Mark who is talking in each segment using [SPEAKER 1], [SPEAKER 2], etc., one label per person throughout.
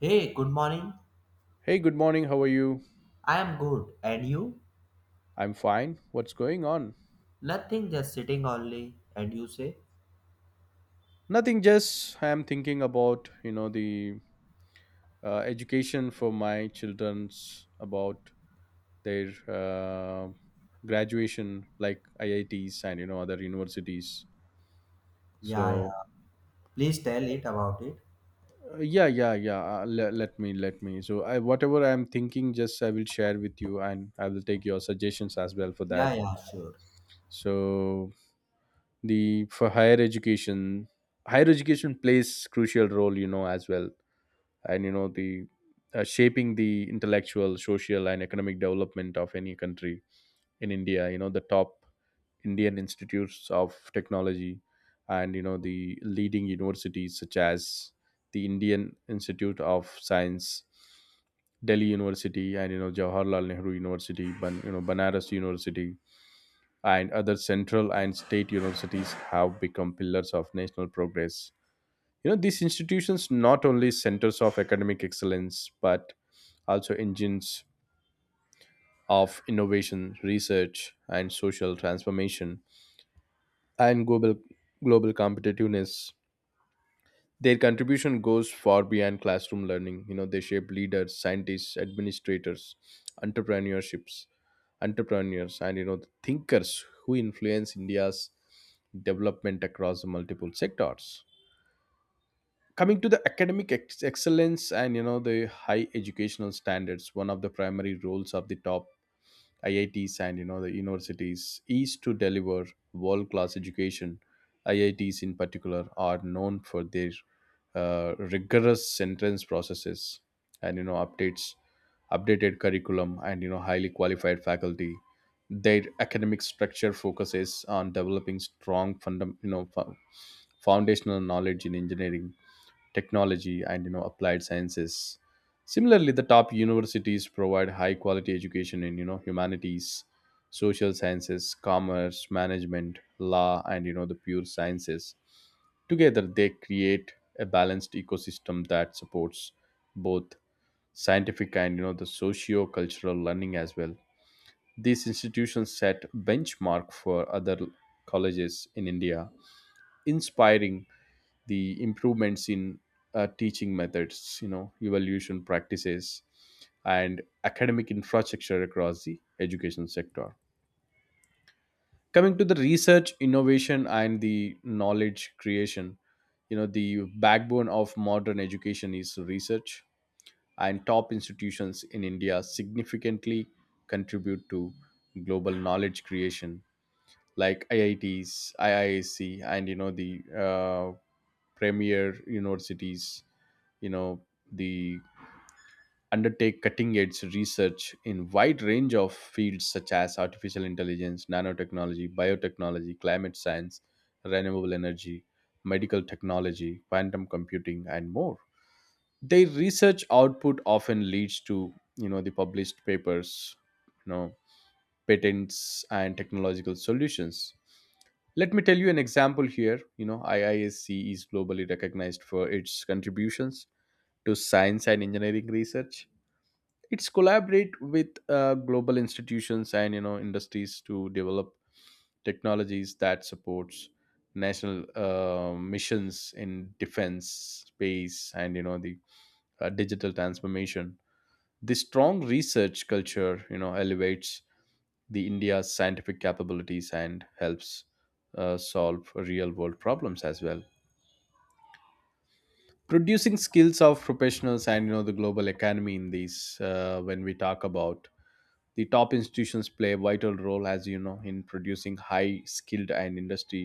[SPEAKER 1] Hey, good morning.
[SPEAKER 2] Hey, good morning. How are you?
[SPEAKER 1] I am good. And you?
[SPEAKER 2] I'm fine. What's going on?
[SPEAKER 1] Nothing, just sitting only. And you say?
[SPEAKER 2] Nothing, just I'm thinking about, you know, the education for my children's about their graduation like IITs and you know other universities.
[SPEAKER 1] Yeah,
[SPEAKER 2] So,
[SPEAKER 1] yeah. Please tell it about it.
[SPEAKER 2] yeah, yeah, yeah. Let me. So, I whatever I'm thinking just I will share with you and I will take your suggestions as well for
[SPEAKER 1] Yeah,
[SPEAKER 2] that.
[SPEAKER 1] yeah, sure.
[SPEAKER 2] So, the for higher education plays crucial role, you know, as well, and you know the shaping the intellectual, social, and economic development of any country. In India, you know the top Indian Institutes of Technology and you know the leading universities such as the Indian Institute of Science, Delhi University, and you know Jawaharlal Nehru University, Banaras University, and other central and state universities have become pillars of national progress. You know, these institutions not only centers of academic excellence but also engines of innovation, research, and social transformation, and global competitiveness. Their contribution goes far beyond classroom learning. You know, they shape leaders, scientists, administrators, entrepreneurships, entrepreneurs, and, you know, thinkers who influence India's development across multiple sectors. Coming to the academic excellence and you know the high educational standards, one of the primary roles of the top IITs and you know the universities is to deliver world class education. IITs in particular are known for their rigorous entrance processes and you know updated curriculum and you know highly qualified faculty. Their academic structure focuses on developing strong foundational knowledge in engineering, technology, and you know applied sciences. Similarly, the top universities provide high quality education in, you know, humanities, social sciences, commerce, management, law, and you know the pure sciences. Together they create a balanced ecosystem that supports both scientific and you know the socio-cultural learning as well. These institutions set benchmark for other colleges in India, inspiring the improvements in teaching methods, you know, evaluation practices, and academic infrastructure across the education sector. Coming to the research, innovation, and the knowledge creation, you know, the backbone of modern education is research, and top institutions in India significantly contribute to global knowledge creation, like IITs, IISc, and you know the premier universities, you know, the undertake cutting edge research in wide range of fields such as artificial intelligence, nanotechnology, biotechnology, climate science, renewable energy, medical technology, quantum computing, and more. Their research output often leads to, you know, the published papers, you know, patents and technological solutions. Let me tell you an example here. You know, IISc is globally recognized for its contributions to science and engineering research. It's collaborate with global institutions and you know industries to develop technologies that supports national missions in defense, space, and you know the digital transformation. This strong research culture, you know, elevates the India's scientific capabilities and helps solve real world problems as well, producing skills of professionals and you know the global economy in these. When we talk about the top institutions play a vital role as, you know, in producing high skilled and industry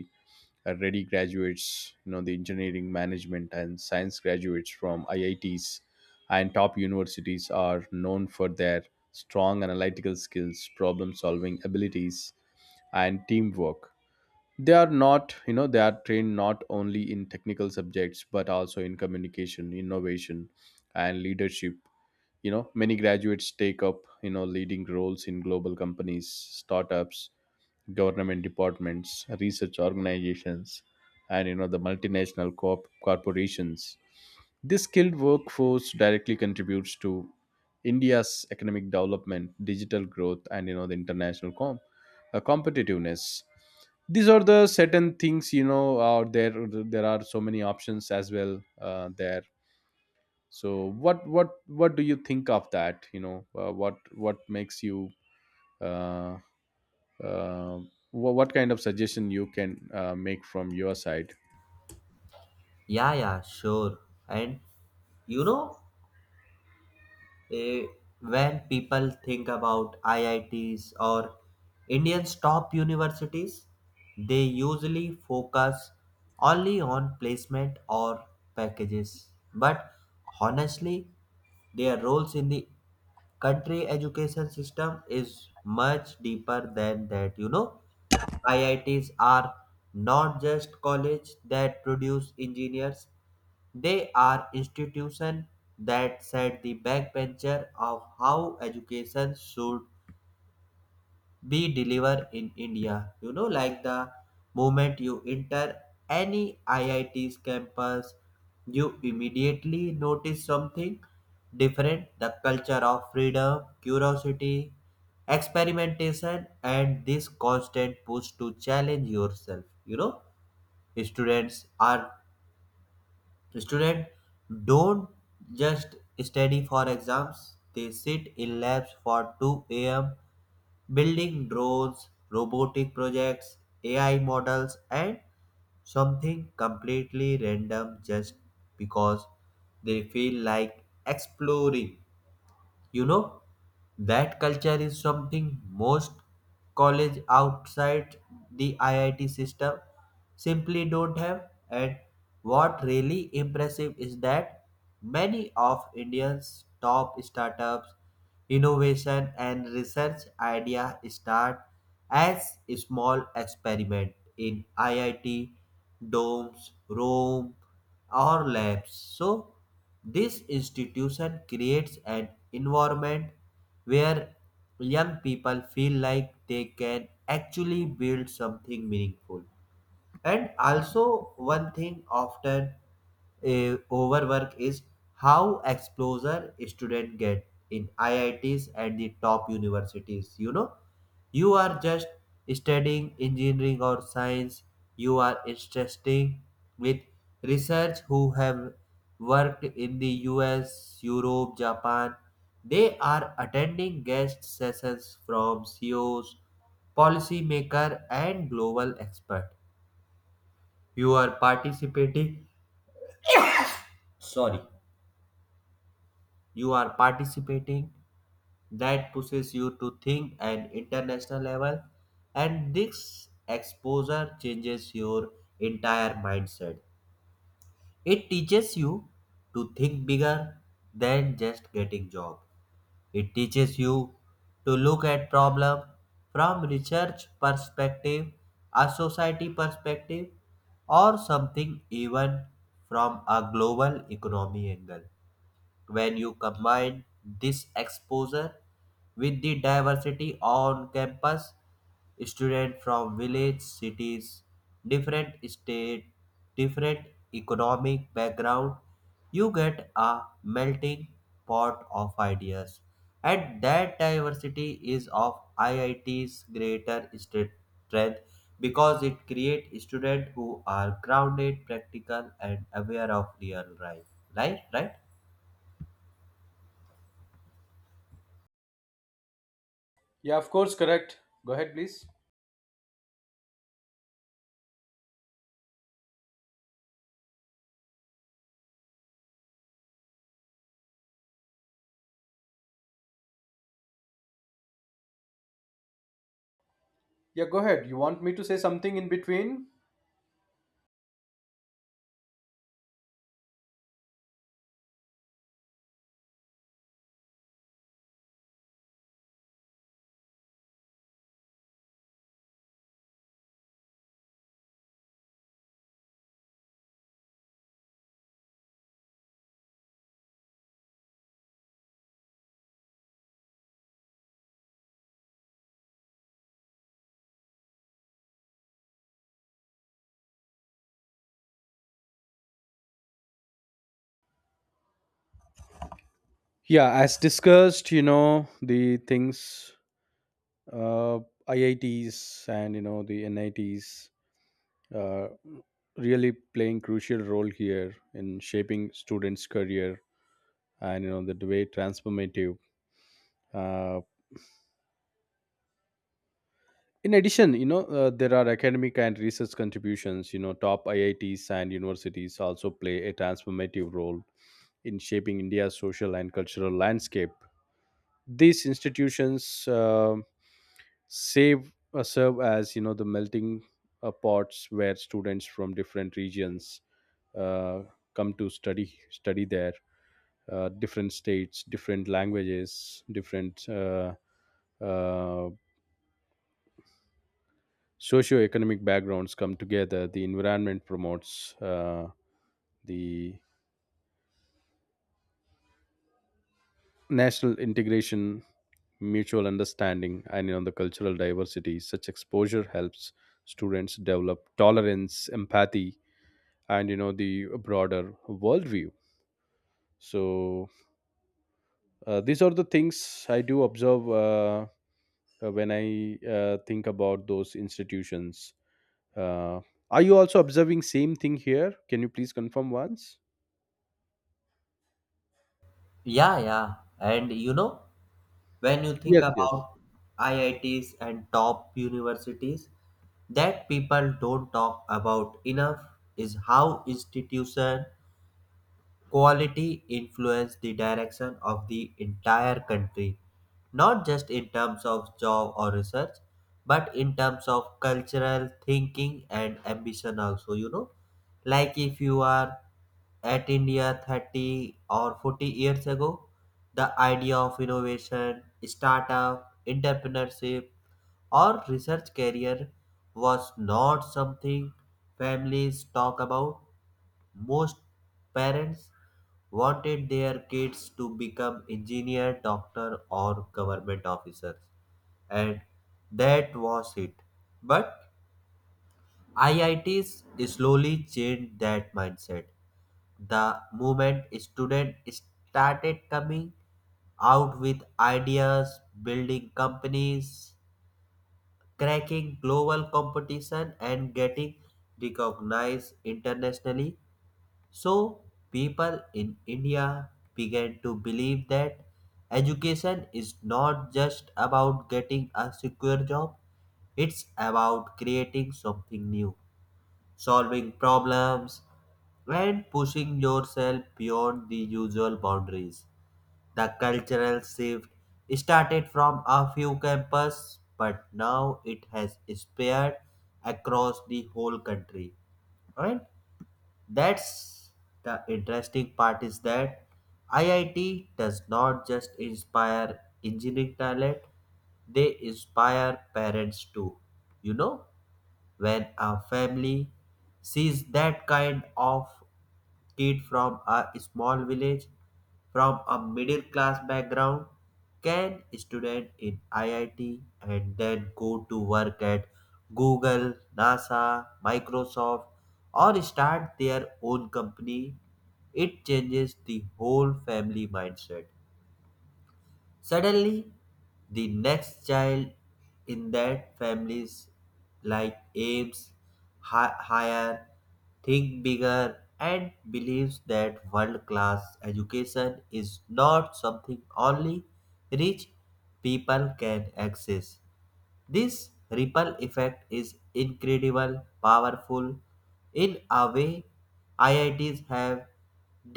[SPEAKER 2] ready graduates, you know the engineering, management, and science graduates from IITs and top universities are known for their strong analytical skills, problem solving abilities, and teamwork. They are trained not only in technical subjects but also in communication, innovation, and leadership. You know, many graduates take up, you know, leading roles in global companies, startups, government departments, research organizations, and you know the multinational corporations. This skilled workforce directly contributes to India's economic development, digital growth, and you know the international competitiveness. These are the certain things, you know, out there. There are so many options as well, there so what do you think of that, you know, uh, uh, what kind of suggestion you can make from your side?
[SPEAKER 1] Yeah, yeah, sure. And you know, eh, when people think about IITs or Indian's top universities, they usually focus only on placement or packages. But honestly, their roles in the country education system is much deeper than that. You know, IITs are not just college that produce engineers. They are institution that set the backbencher of how education should be delivered in India. You know, like the moment you enter any IIT's campus, you immediately notice something different: the culture of freedom, curiosity, experimentation, and this constant push to challenge yourself. You know, students are student don't just study for exams. They sit in labs for 2 a.m. building drones, robotic projects, AI models, and something completely random just because they feel like exploring. You know, that culture is something most college outside the IIT system simply don't have. And what really impressive is that many of India's top startups, innovation and research idea start as small experiment in IIT domes, Rome, or labs. So this institution creates an environment where young people feel like they can actually build something meaningful. And also, one thing often overwork is how exposure student get in IITs and the top universities. You know, you are just studying engineering or science. You are interesting with research who have worked in the US, Europe, Japan. They are attending guest sessions from CEOs, policymaker, and global expert. You are participating Sorry. You are participating that pushes you to think at international level. And this exposure changes your entire mindset. It teaches you to think bigger than just getting job. It teaches you to look at problem from research perspective, a society perspective, or something even from a global economy angle. When you combine this exposure with the diversity on campus, students from village cities, different state, different economic background, you get a melting pot of ideas. And that diversity is of IIT's greater strength because it creates students who are grounded, practical, and aware of real life. Right? Right?
[SPEAKER 2] Yeah, of course, correct. Go ahead, please. Yeah, go ahead. You want me to say something in between? Yeah, as discussed, you know, the things, uh, IITs and you know the NITs, uh, really playing crucial role here in shaping students career and you know the way transformative. uh, in addition, you know, there are academic and research contributions. You know, top IITs and universities also play a transformative role in shaping India's social and cultural landscape. These institutions save serve as you know the melting pots where students from different regions uh, come to study there, different states, different languages, different uh, socioeconomic backgrounds come together. The environment promotes the national integration, mutual understanding, and on the cultural diversity. Such exposure helps students develop tolerance, empathy, and you know the broader worldview. So, these are the things I do observe, when I think about those institutions. Uh, are you also observing same thing here? Can you please confirm once?
[SPEAKER 1] Yeah, yeah. And you know, when you think
[SPEAKER 2] Yes, yes.
[SPEAKER 1] about IITs and top universities, that people don't talk about enough is how institution quality influenced the direction of the entire country, not just in terms of job or research, but in terms of cultural thinking and ambition also, you know. Like if you are at India 30 or 40 years ago, the idea of innovation, startup, entrepreneurship, or research career was not something families talk about. Most parents wanted their kids to become engineer, doctor or government officers, and that was it. But IITs slowly changed that mindset. The moment students started coming out with ideas, building companies, cracking global competition, and getting recognized internationally. So, people in India began to believe that education is not just about getting a secure job, it's about creating something new, solving problems, and pushing yourself beyond the usual boundaries. The cultural shift started from a few campuses, but now it has spread across the whole country. Right? That's the interesting part is that IIT does not just inspire engineering talent, they inspire parents too. You know? When a family sees that kind of kid from a small village, from a middle class background, can student in IIT and then go to work at Google, NASA, Microsoft, or start their own company, it changes the whole family mindset. Suddenly, the next child in that family's like aims higher, think bigger, and believes that world-class education is not something only rich people can access. This ripple effect is incredible, powerful. In a way, IITs have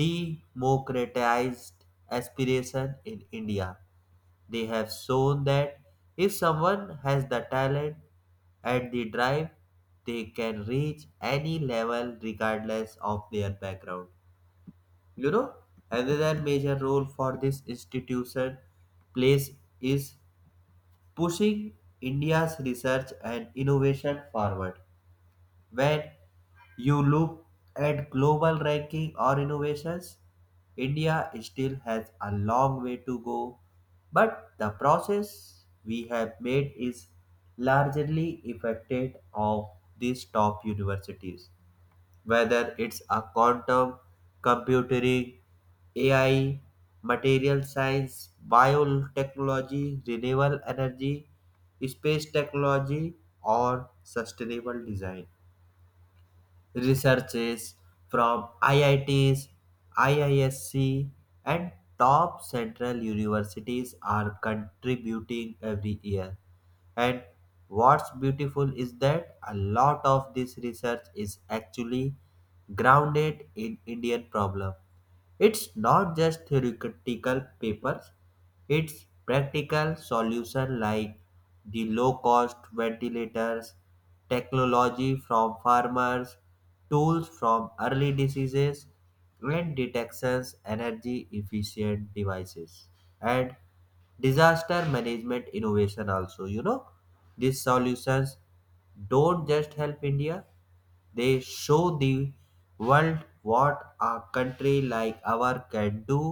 [SPEAKER 1] democratized aspiration in India. They have shown that if someone has the talent and the drive, they can reach any level regardless of their background. You know, another major role for this institution plays is pushing India's research and innovation forward. When you look at global ranking or innovations, India still has a long way to go, but the process we have made is largely effective of these top universities. Whether it's a quantum computing, AI, material science, biotechnology, renewable energy, space technology, or sustainable design. Researchers from IITs, IISc, and top central universities are contributing every year. And what's beautiful is that a lot of this research is actually grounded in Indian problem. It's not just theoretical papers, it's practical solutions like the low cost ventilators, technology from farmers, tools from early diseases and detections, energy efficient devices, and disaster management innovation also. You know, these solutions don't just help India, they show the world what a country like ours can do,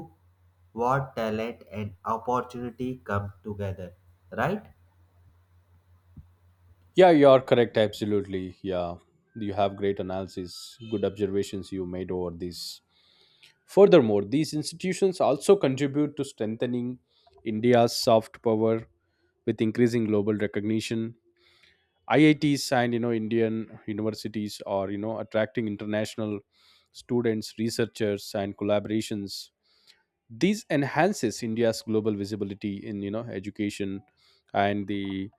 [SPEAKER 1] what talent and opportunity come together, right?
[SPEAKER 2] Yeah, you are correct. Absolutely. Yeah, you have great analysis, good observations you made over this. Furthermore, these institutions also contribute to strengthening India's soft power with increasing global recognition. IITs and you know Indian universities are, you know, attracting international students, researchers, and collaborations. This enhances India's global visibility in, you know, education and the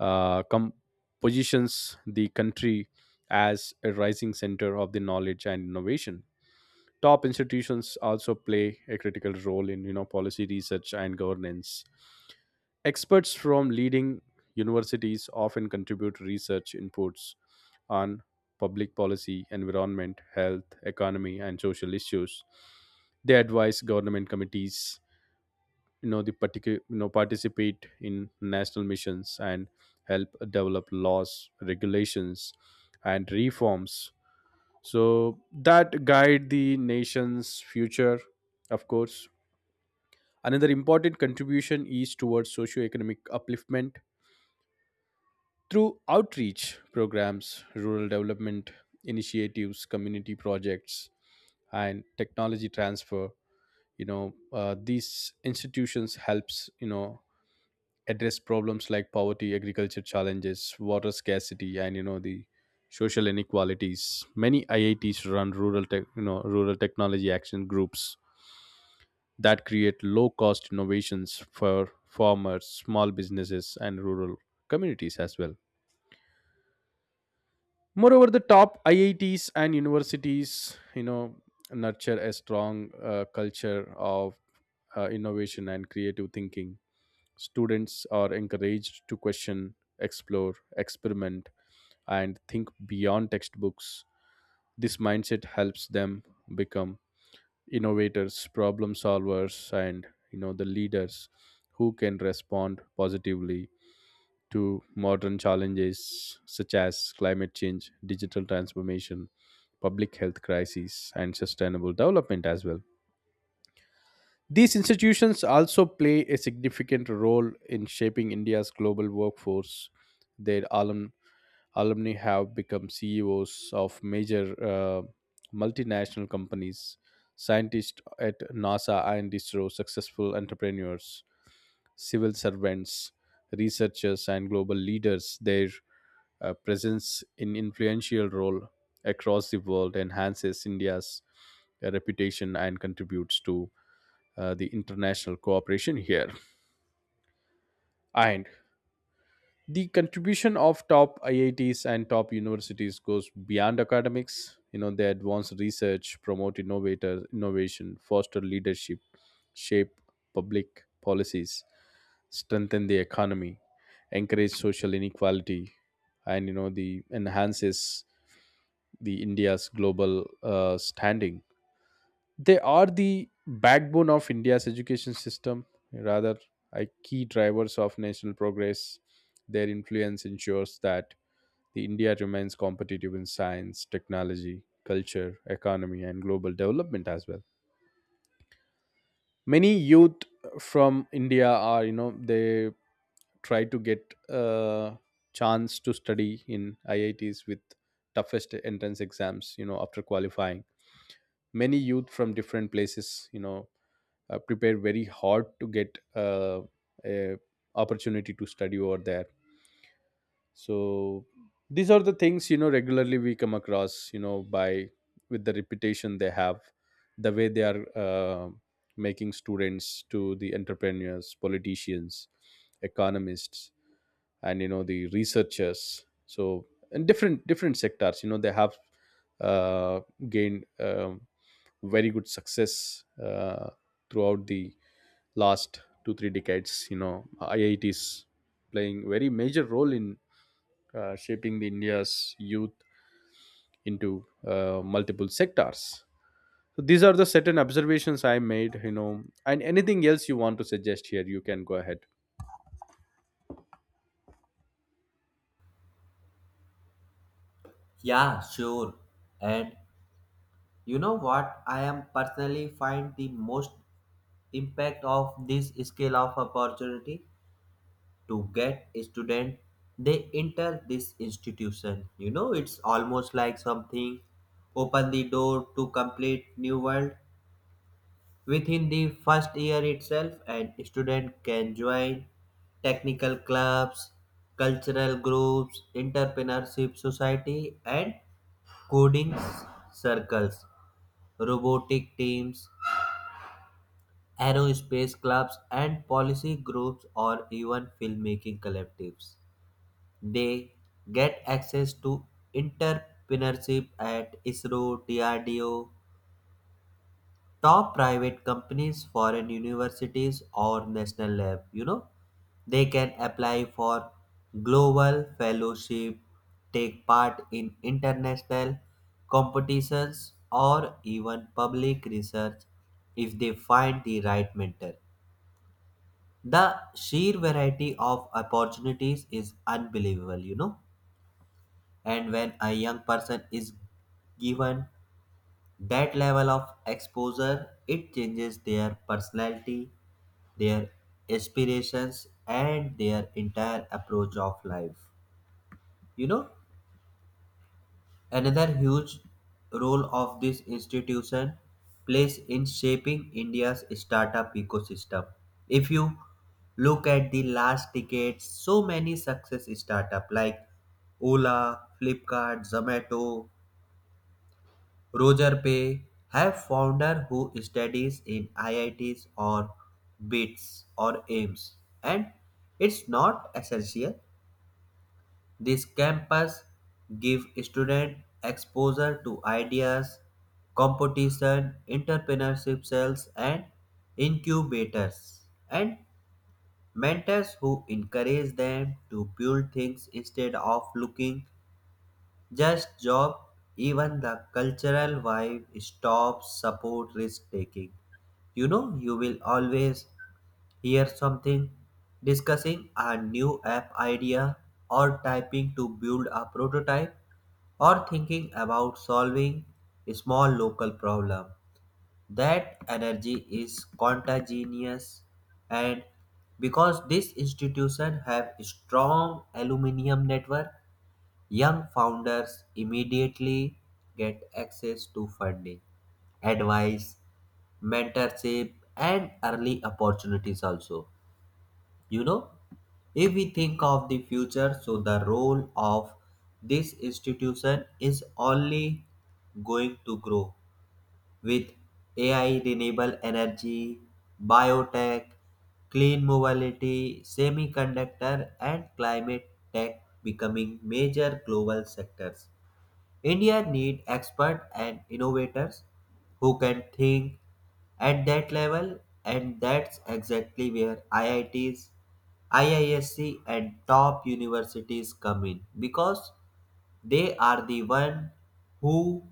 [SPEAKER 2] uh, com- positions the country as a rising center of the knowledge and innovation. Top institutions also play a critical role in, you know, policy research and governance. Experts from leading universities often contribute research inputs on public policy, environment, health, economy, and social issues. They advise government committees, you know, participate in national missions and help develop laws, regulations, and reforms, so that guide the nation's future. Of course, another important contribution is towards socio-economic upliftment through outreach programs, rural development initiatives, community projects, and technology transfer. You know, these institutions helps, you know, address problems like poverty, agriculture challenges, water scarcity, and you know the social inequalities. Many IITs run rural technology action groups that create low cost innovations for farmers, small businesses, and rural communities as well. Moreover, the top IITs and universities, you know, nurture a strong culture of innovation and creative thinking. Students are encouraged to question, explore, experiment, and think beyond textbooks. This mindset helps them become innovators, problem solvers, and you know the leaders who can respond positively to modern challenges such as climate change, digital transformation, public health crises, and sustainable development as well. These institutions also play a significant role in shaping India's global workforce. Their alumni have become CEOs of major multinational companies, scientists at NASA and ISRO, successful entrepreneurs, civil servants, researchers, and global leaders. Their presence in influential role across the world enhances India's reputation and contributes to the international cooperation here. And the contribution of top IITs and top universities goes beyond academics. You know, they advance research, promote innovation, foster leadership, shape public policies, strengthen the economy, encourage social inequality, and you know the enhances the India's global standing. They are the backbone of India's education system, rather are key drivers of national progress. Their influence ensures that the India remains competitive in science, technology, culture, economy, and global development as well. Many youth from India are, you know, they try to get a chance to study in IITs with toughest entrance exams. You know, after qualifying, many youth from different places, you know, prepare very hard to get a opportunity to study over there. So these are the things, you know, regularly we come across, you know, by with the reputation they have, the way they are making students to the entrepreneurs, politicians, economists, and you know the researchers. So in different different sectors, you know, they have uh, gained, very good success throughout the last two three decades. You know, IITs playing very major role in shaping the India's youth into multiple sectors. So these are the certain observations I made, you know, and anything else you want to suggest here you can go ahead.
[SPEAKER 1] Yeah, sure. And you know what? I am personally find the most impact of this scale of opportunity to get a student. They enter this institution. You know, it's almost like something open the door to complete new world. Within the first year itself, an student can join technical clubs, cultural groups, entrepreneurship society, and coding circles, robotic teams, aerospace clubs, and policy groups, or even filmmaking collectives. They get access to entrepreneurship at ISRO, DRDO, top private companies, foreign universities, or national lab. You know, they can apply for global fellowship, take part in international competitions, or even public research if they find the right mentor. The sheer variety of opportunities is unbelievable, you know. And when a young person is given that level of exposure, it changes their personality, their aspirations, and their entire approach of life. You know, another huge role of this institution plays in shaping India's startup ecosystem. If you look at the last decades, so many success startup like Ola, Flipkart, Zomato, Roger Pei have founder who studies in IITs or BITS or AIMS, and it's not essential. This campus give student exposure to ideas, competition, entrepreneurship cells and incubators, and mentors who encourage them to build things instead of looking just job. Even the cultural vibe stops support risk taking. You know, you will always hear something discussing a new app idea, or typing to build a prototype, or thinking about solving a small local problem. That energy is contagious, and because this institution have strong aluminium network, young founders immediately get access to funding, advice, mentorship, and early opportunities also. You know, if we think of the future, so the role of this institution is only going to grow with AI, renewable energy, biotech, clean mobility, semiconductor, and climate tech becoming major global sectors. India need experts and innovators who can think at that level, and that's exactly where IITs, IISc and top universities come in because they are the one who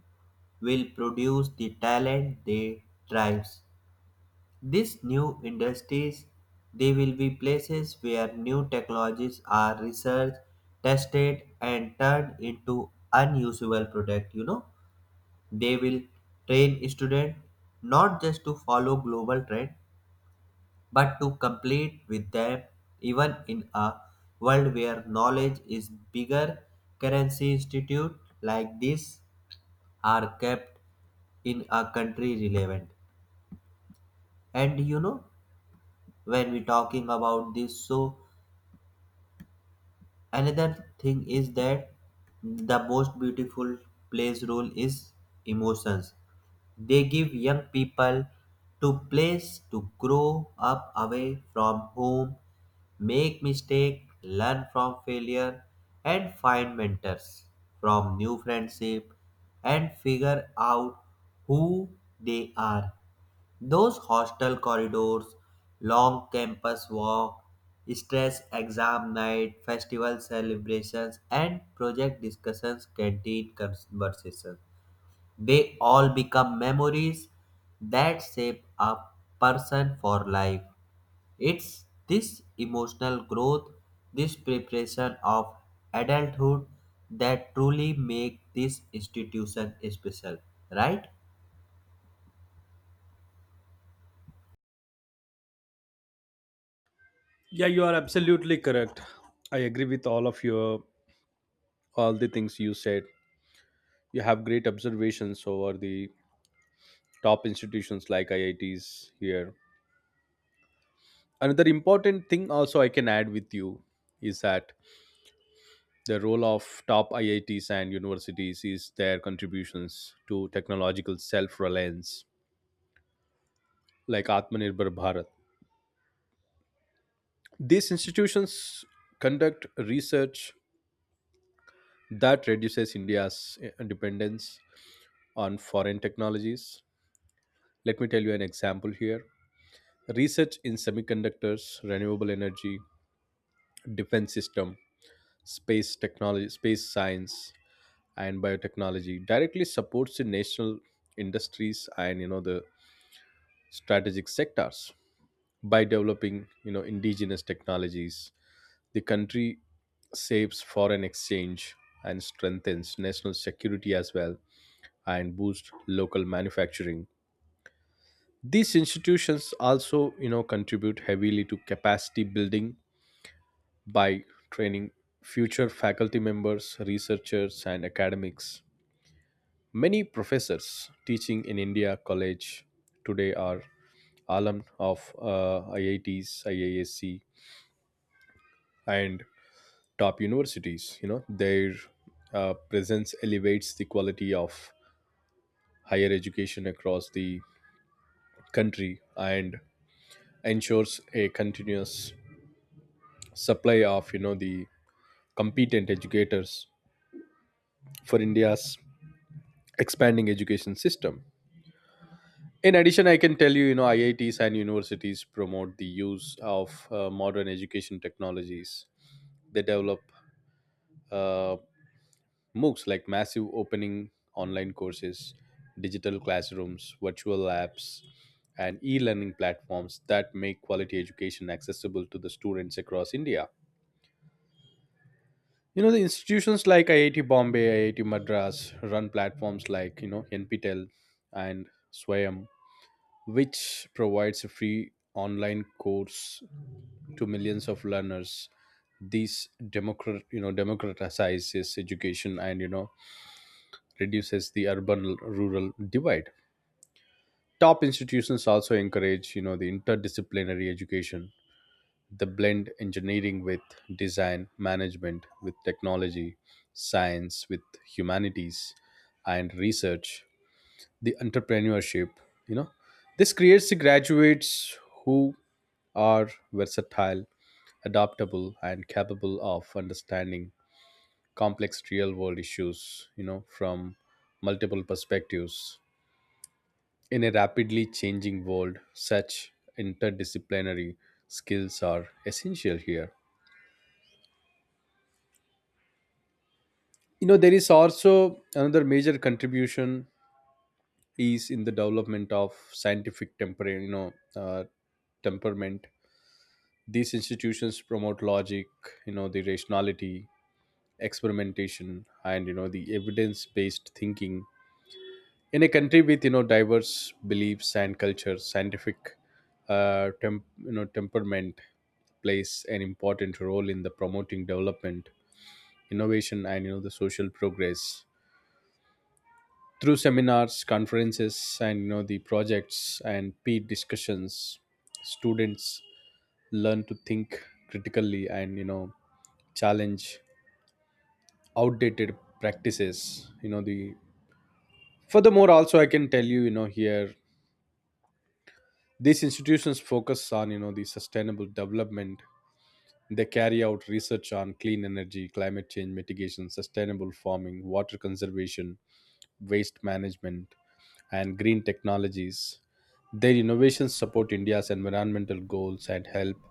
[SPEAKER 1] will produce the talent they drives these new industries. They will be places where new technologies are researched, tested, and turned into unusable product. You know, they will train students not just to follow global trend, but to complete with them. Even in a world where knowledge is bigger currency, institute like this are kept in a country relevant. And you know, when we talking about this, so another thing is that the most beautiful plays role is emotions. They give young people to place to grow up away from home, make mistake, learn from failure, and find mentors from new friendship, and figure out who they are. Those hostel corridors, long campus walk, stress exam night, festival celebrations, and project discussions, canteen conversations. They all become memories that shape a person for life. It's this emotional growth, this preparation of adulthood that truly make this institution special, right?
[SPEAKER 2] Yeah, you are absolutely correct. I agree with all the things you said. You have great observations over the top institutions like IITs here. Another important thing also I can add with you is that the role of top IITs and universities is their contributions to technological self reliance, like Atmanirbhar Bharat. These institutions conduct research that reduces India's dependence on foreign technologies. Let me tell you an example here. Research in semiconductors, renewable energy, defense system, space technology, space science, and biotechnology directly supports the national industries and you know the strategic sectors. By developing, you know, indigenous technologies, the country saves foreign exchange and strengthens national security as well and boosts local manufacturing. These institutions also, you know, contribute heavily to capacity building by training future faculty members, researchers, and academics. Many professors teaching in India college today are alumni of IITs, IISc, and top universities. You know, their presence elevates the quality of higher education across the country and ensures a continuous supply of, you know, the competent educators for India's expanding education system. In addition, I can tell you, you know, IITs and universities promote the use of modern education technologies. They develop uh, MOOCs like massive opening online courses, digital classrooms, virtual labs, and e learning platforms that make quality education accessible to the students across India. You know, the institutions like IIT Bombay, IIT Madras run platforms like, you know, NPTEL and Swayam, which provides a free online course to millions of learners. These democratizes education and, you know, reduces the urban rural divide. Top institutions also encourage, you know, the interdisciplinary education, the blend engineering with design, management with technology, science with humanities, and research the entrepreneurship. You know, this creates the graduates who are versatile, adaptable, and capable of understanding complex real world issues, you know, from multiple perspectives. In a rapidly changing world, such interdisciplinary skills are essential here. You know, there is also another major contribution is in the development of scientific temperament. These institutions promote logic, you know, the rationality, experimentation, and you know the evidence-based thinking in a country with, you know, diverse beliefs and cultures. Scientific temperament plays an important role in the promoting development, innovation, and you know the social progress. Through seminars, conferences, and you know the projects and peer discussions, students learn to think critically and you know challenge outdated practices, you know, the furthermore also I can tell you, you know, here. These institutions focus on, you know, the sustainable development. They carry out research on clean energy, climate change mitigation, sustainable farming, water conservation, waste management, and green technologies. Their innovations support India's environmental goals and help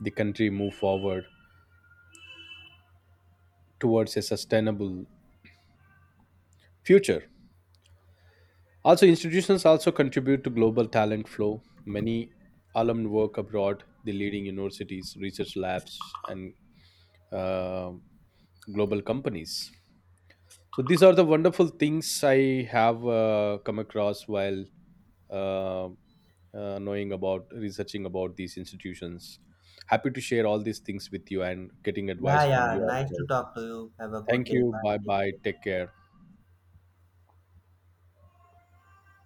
[SPEAKER 2] the country move forward towards a sustainable future. Also, institutions also contribute to global talent flow. Many alumni work abroad, the leading universities, research labs, and uh, global companies. So these are the wonderful things I have come across while uh, knowing about researching about these institutions. Happy to share all these things with you and getting
[SPEAKER 1] Yeah,
[SPEAKER 2] advice from
[SPEAKER 1] yeah.
[SPEAKER 2] you as
[SPEAKER 1] Nice to
[SPEAKER 2] well.
[SPEAKER 1] talk to you. Have a good
[SPEAKER 2] Thank
[SPEAKER 1] day.
[SPEAKER 2] you.
[SPEAKER 1] Bye.
[SPEAKER 2] Bye
[SPEAKER 1] Take
[SPEAKER 2] bye.
[SPEAKER 1] care.
[SPEAKER 2] Take care.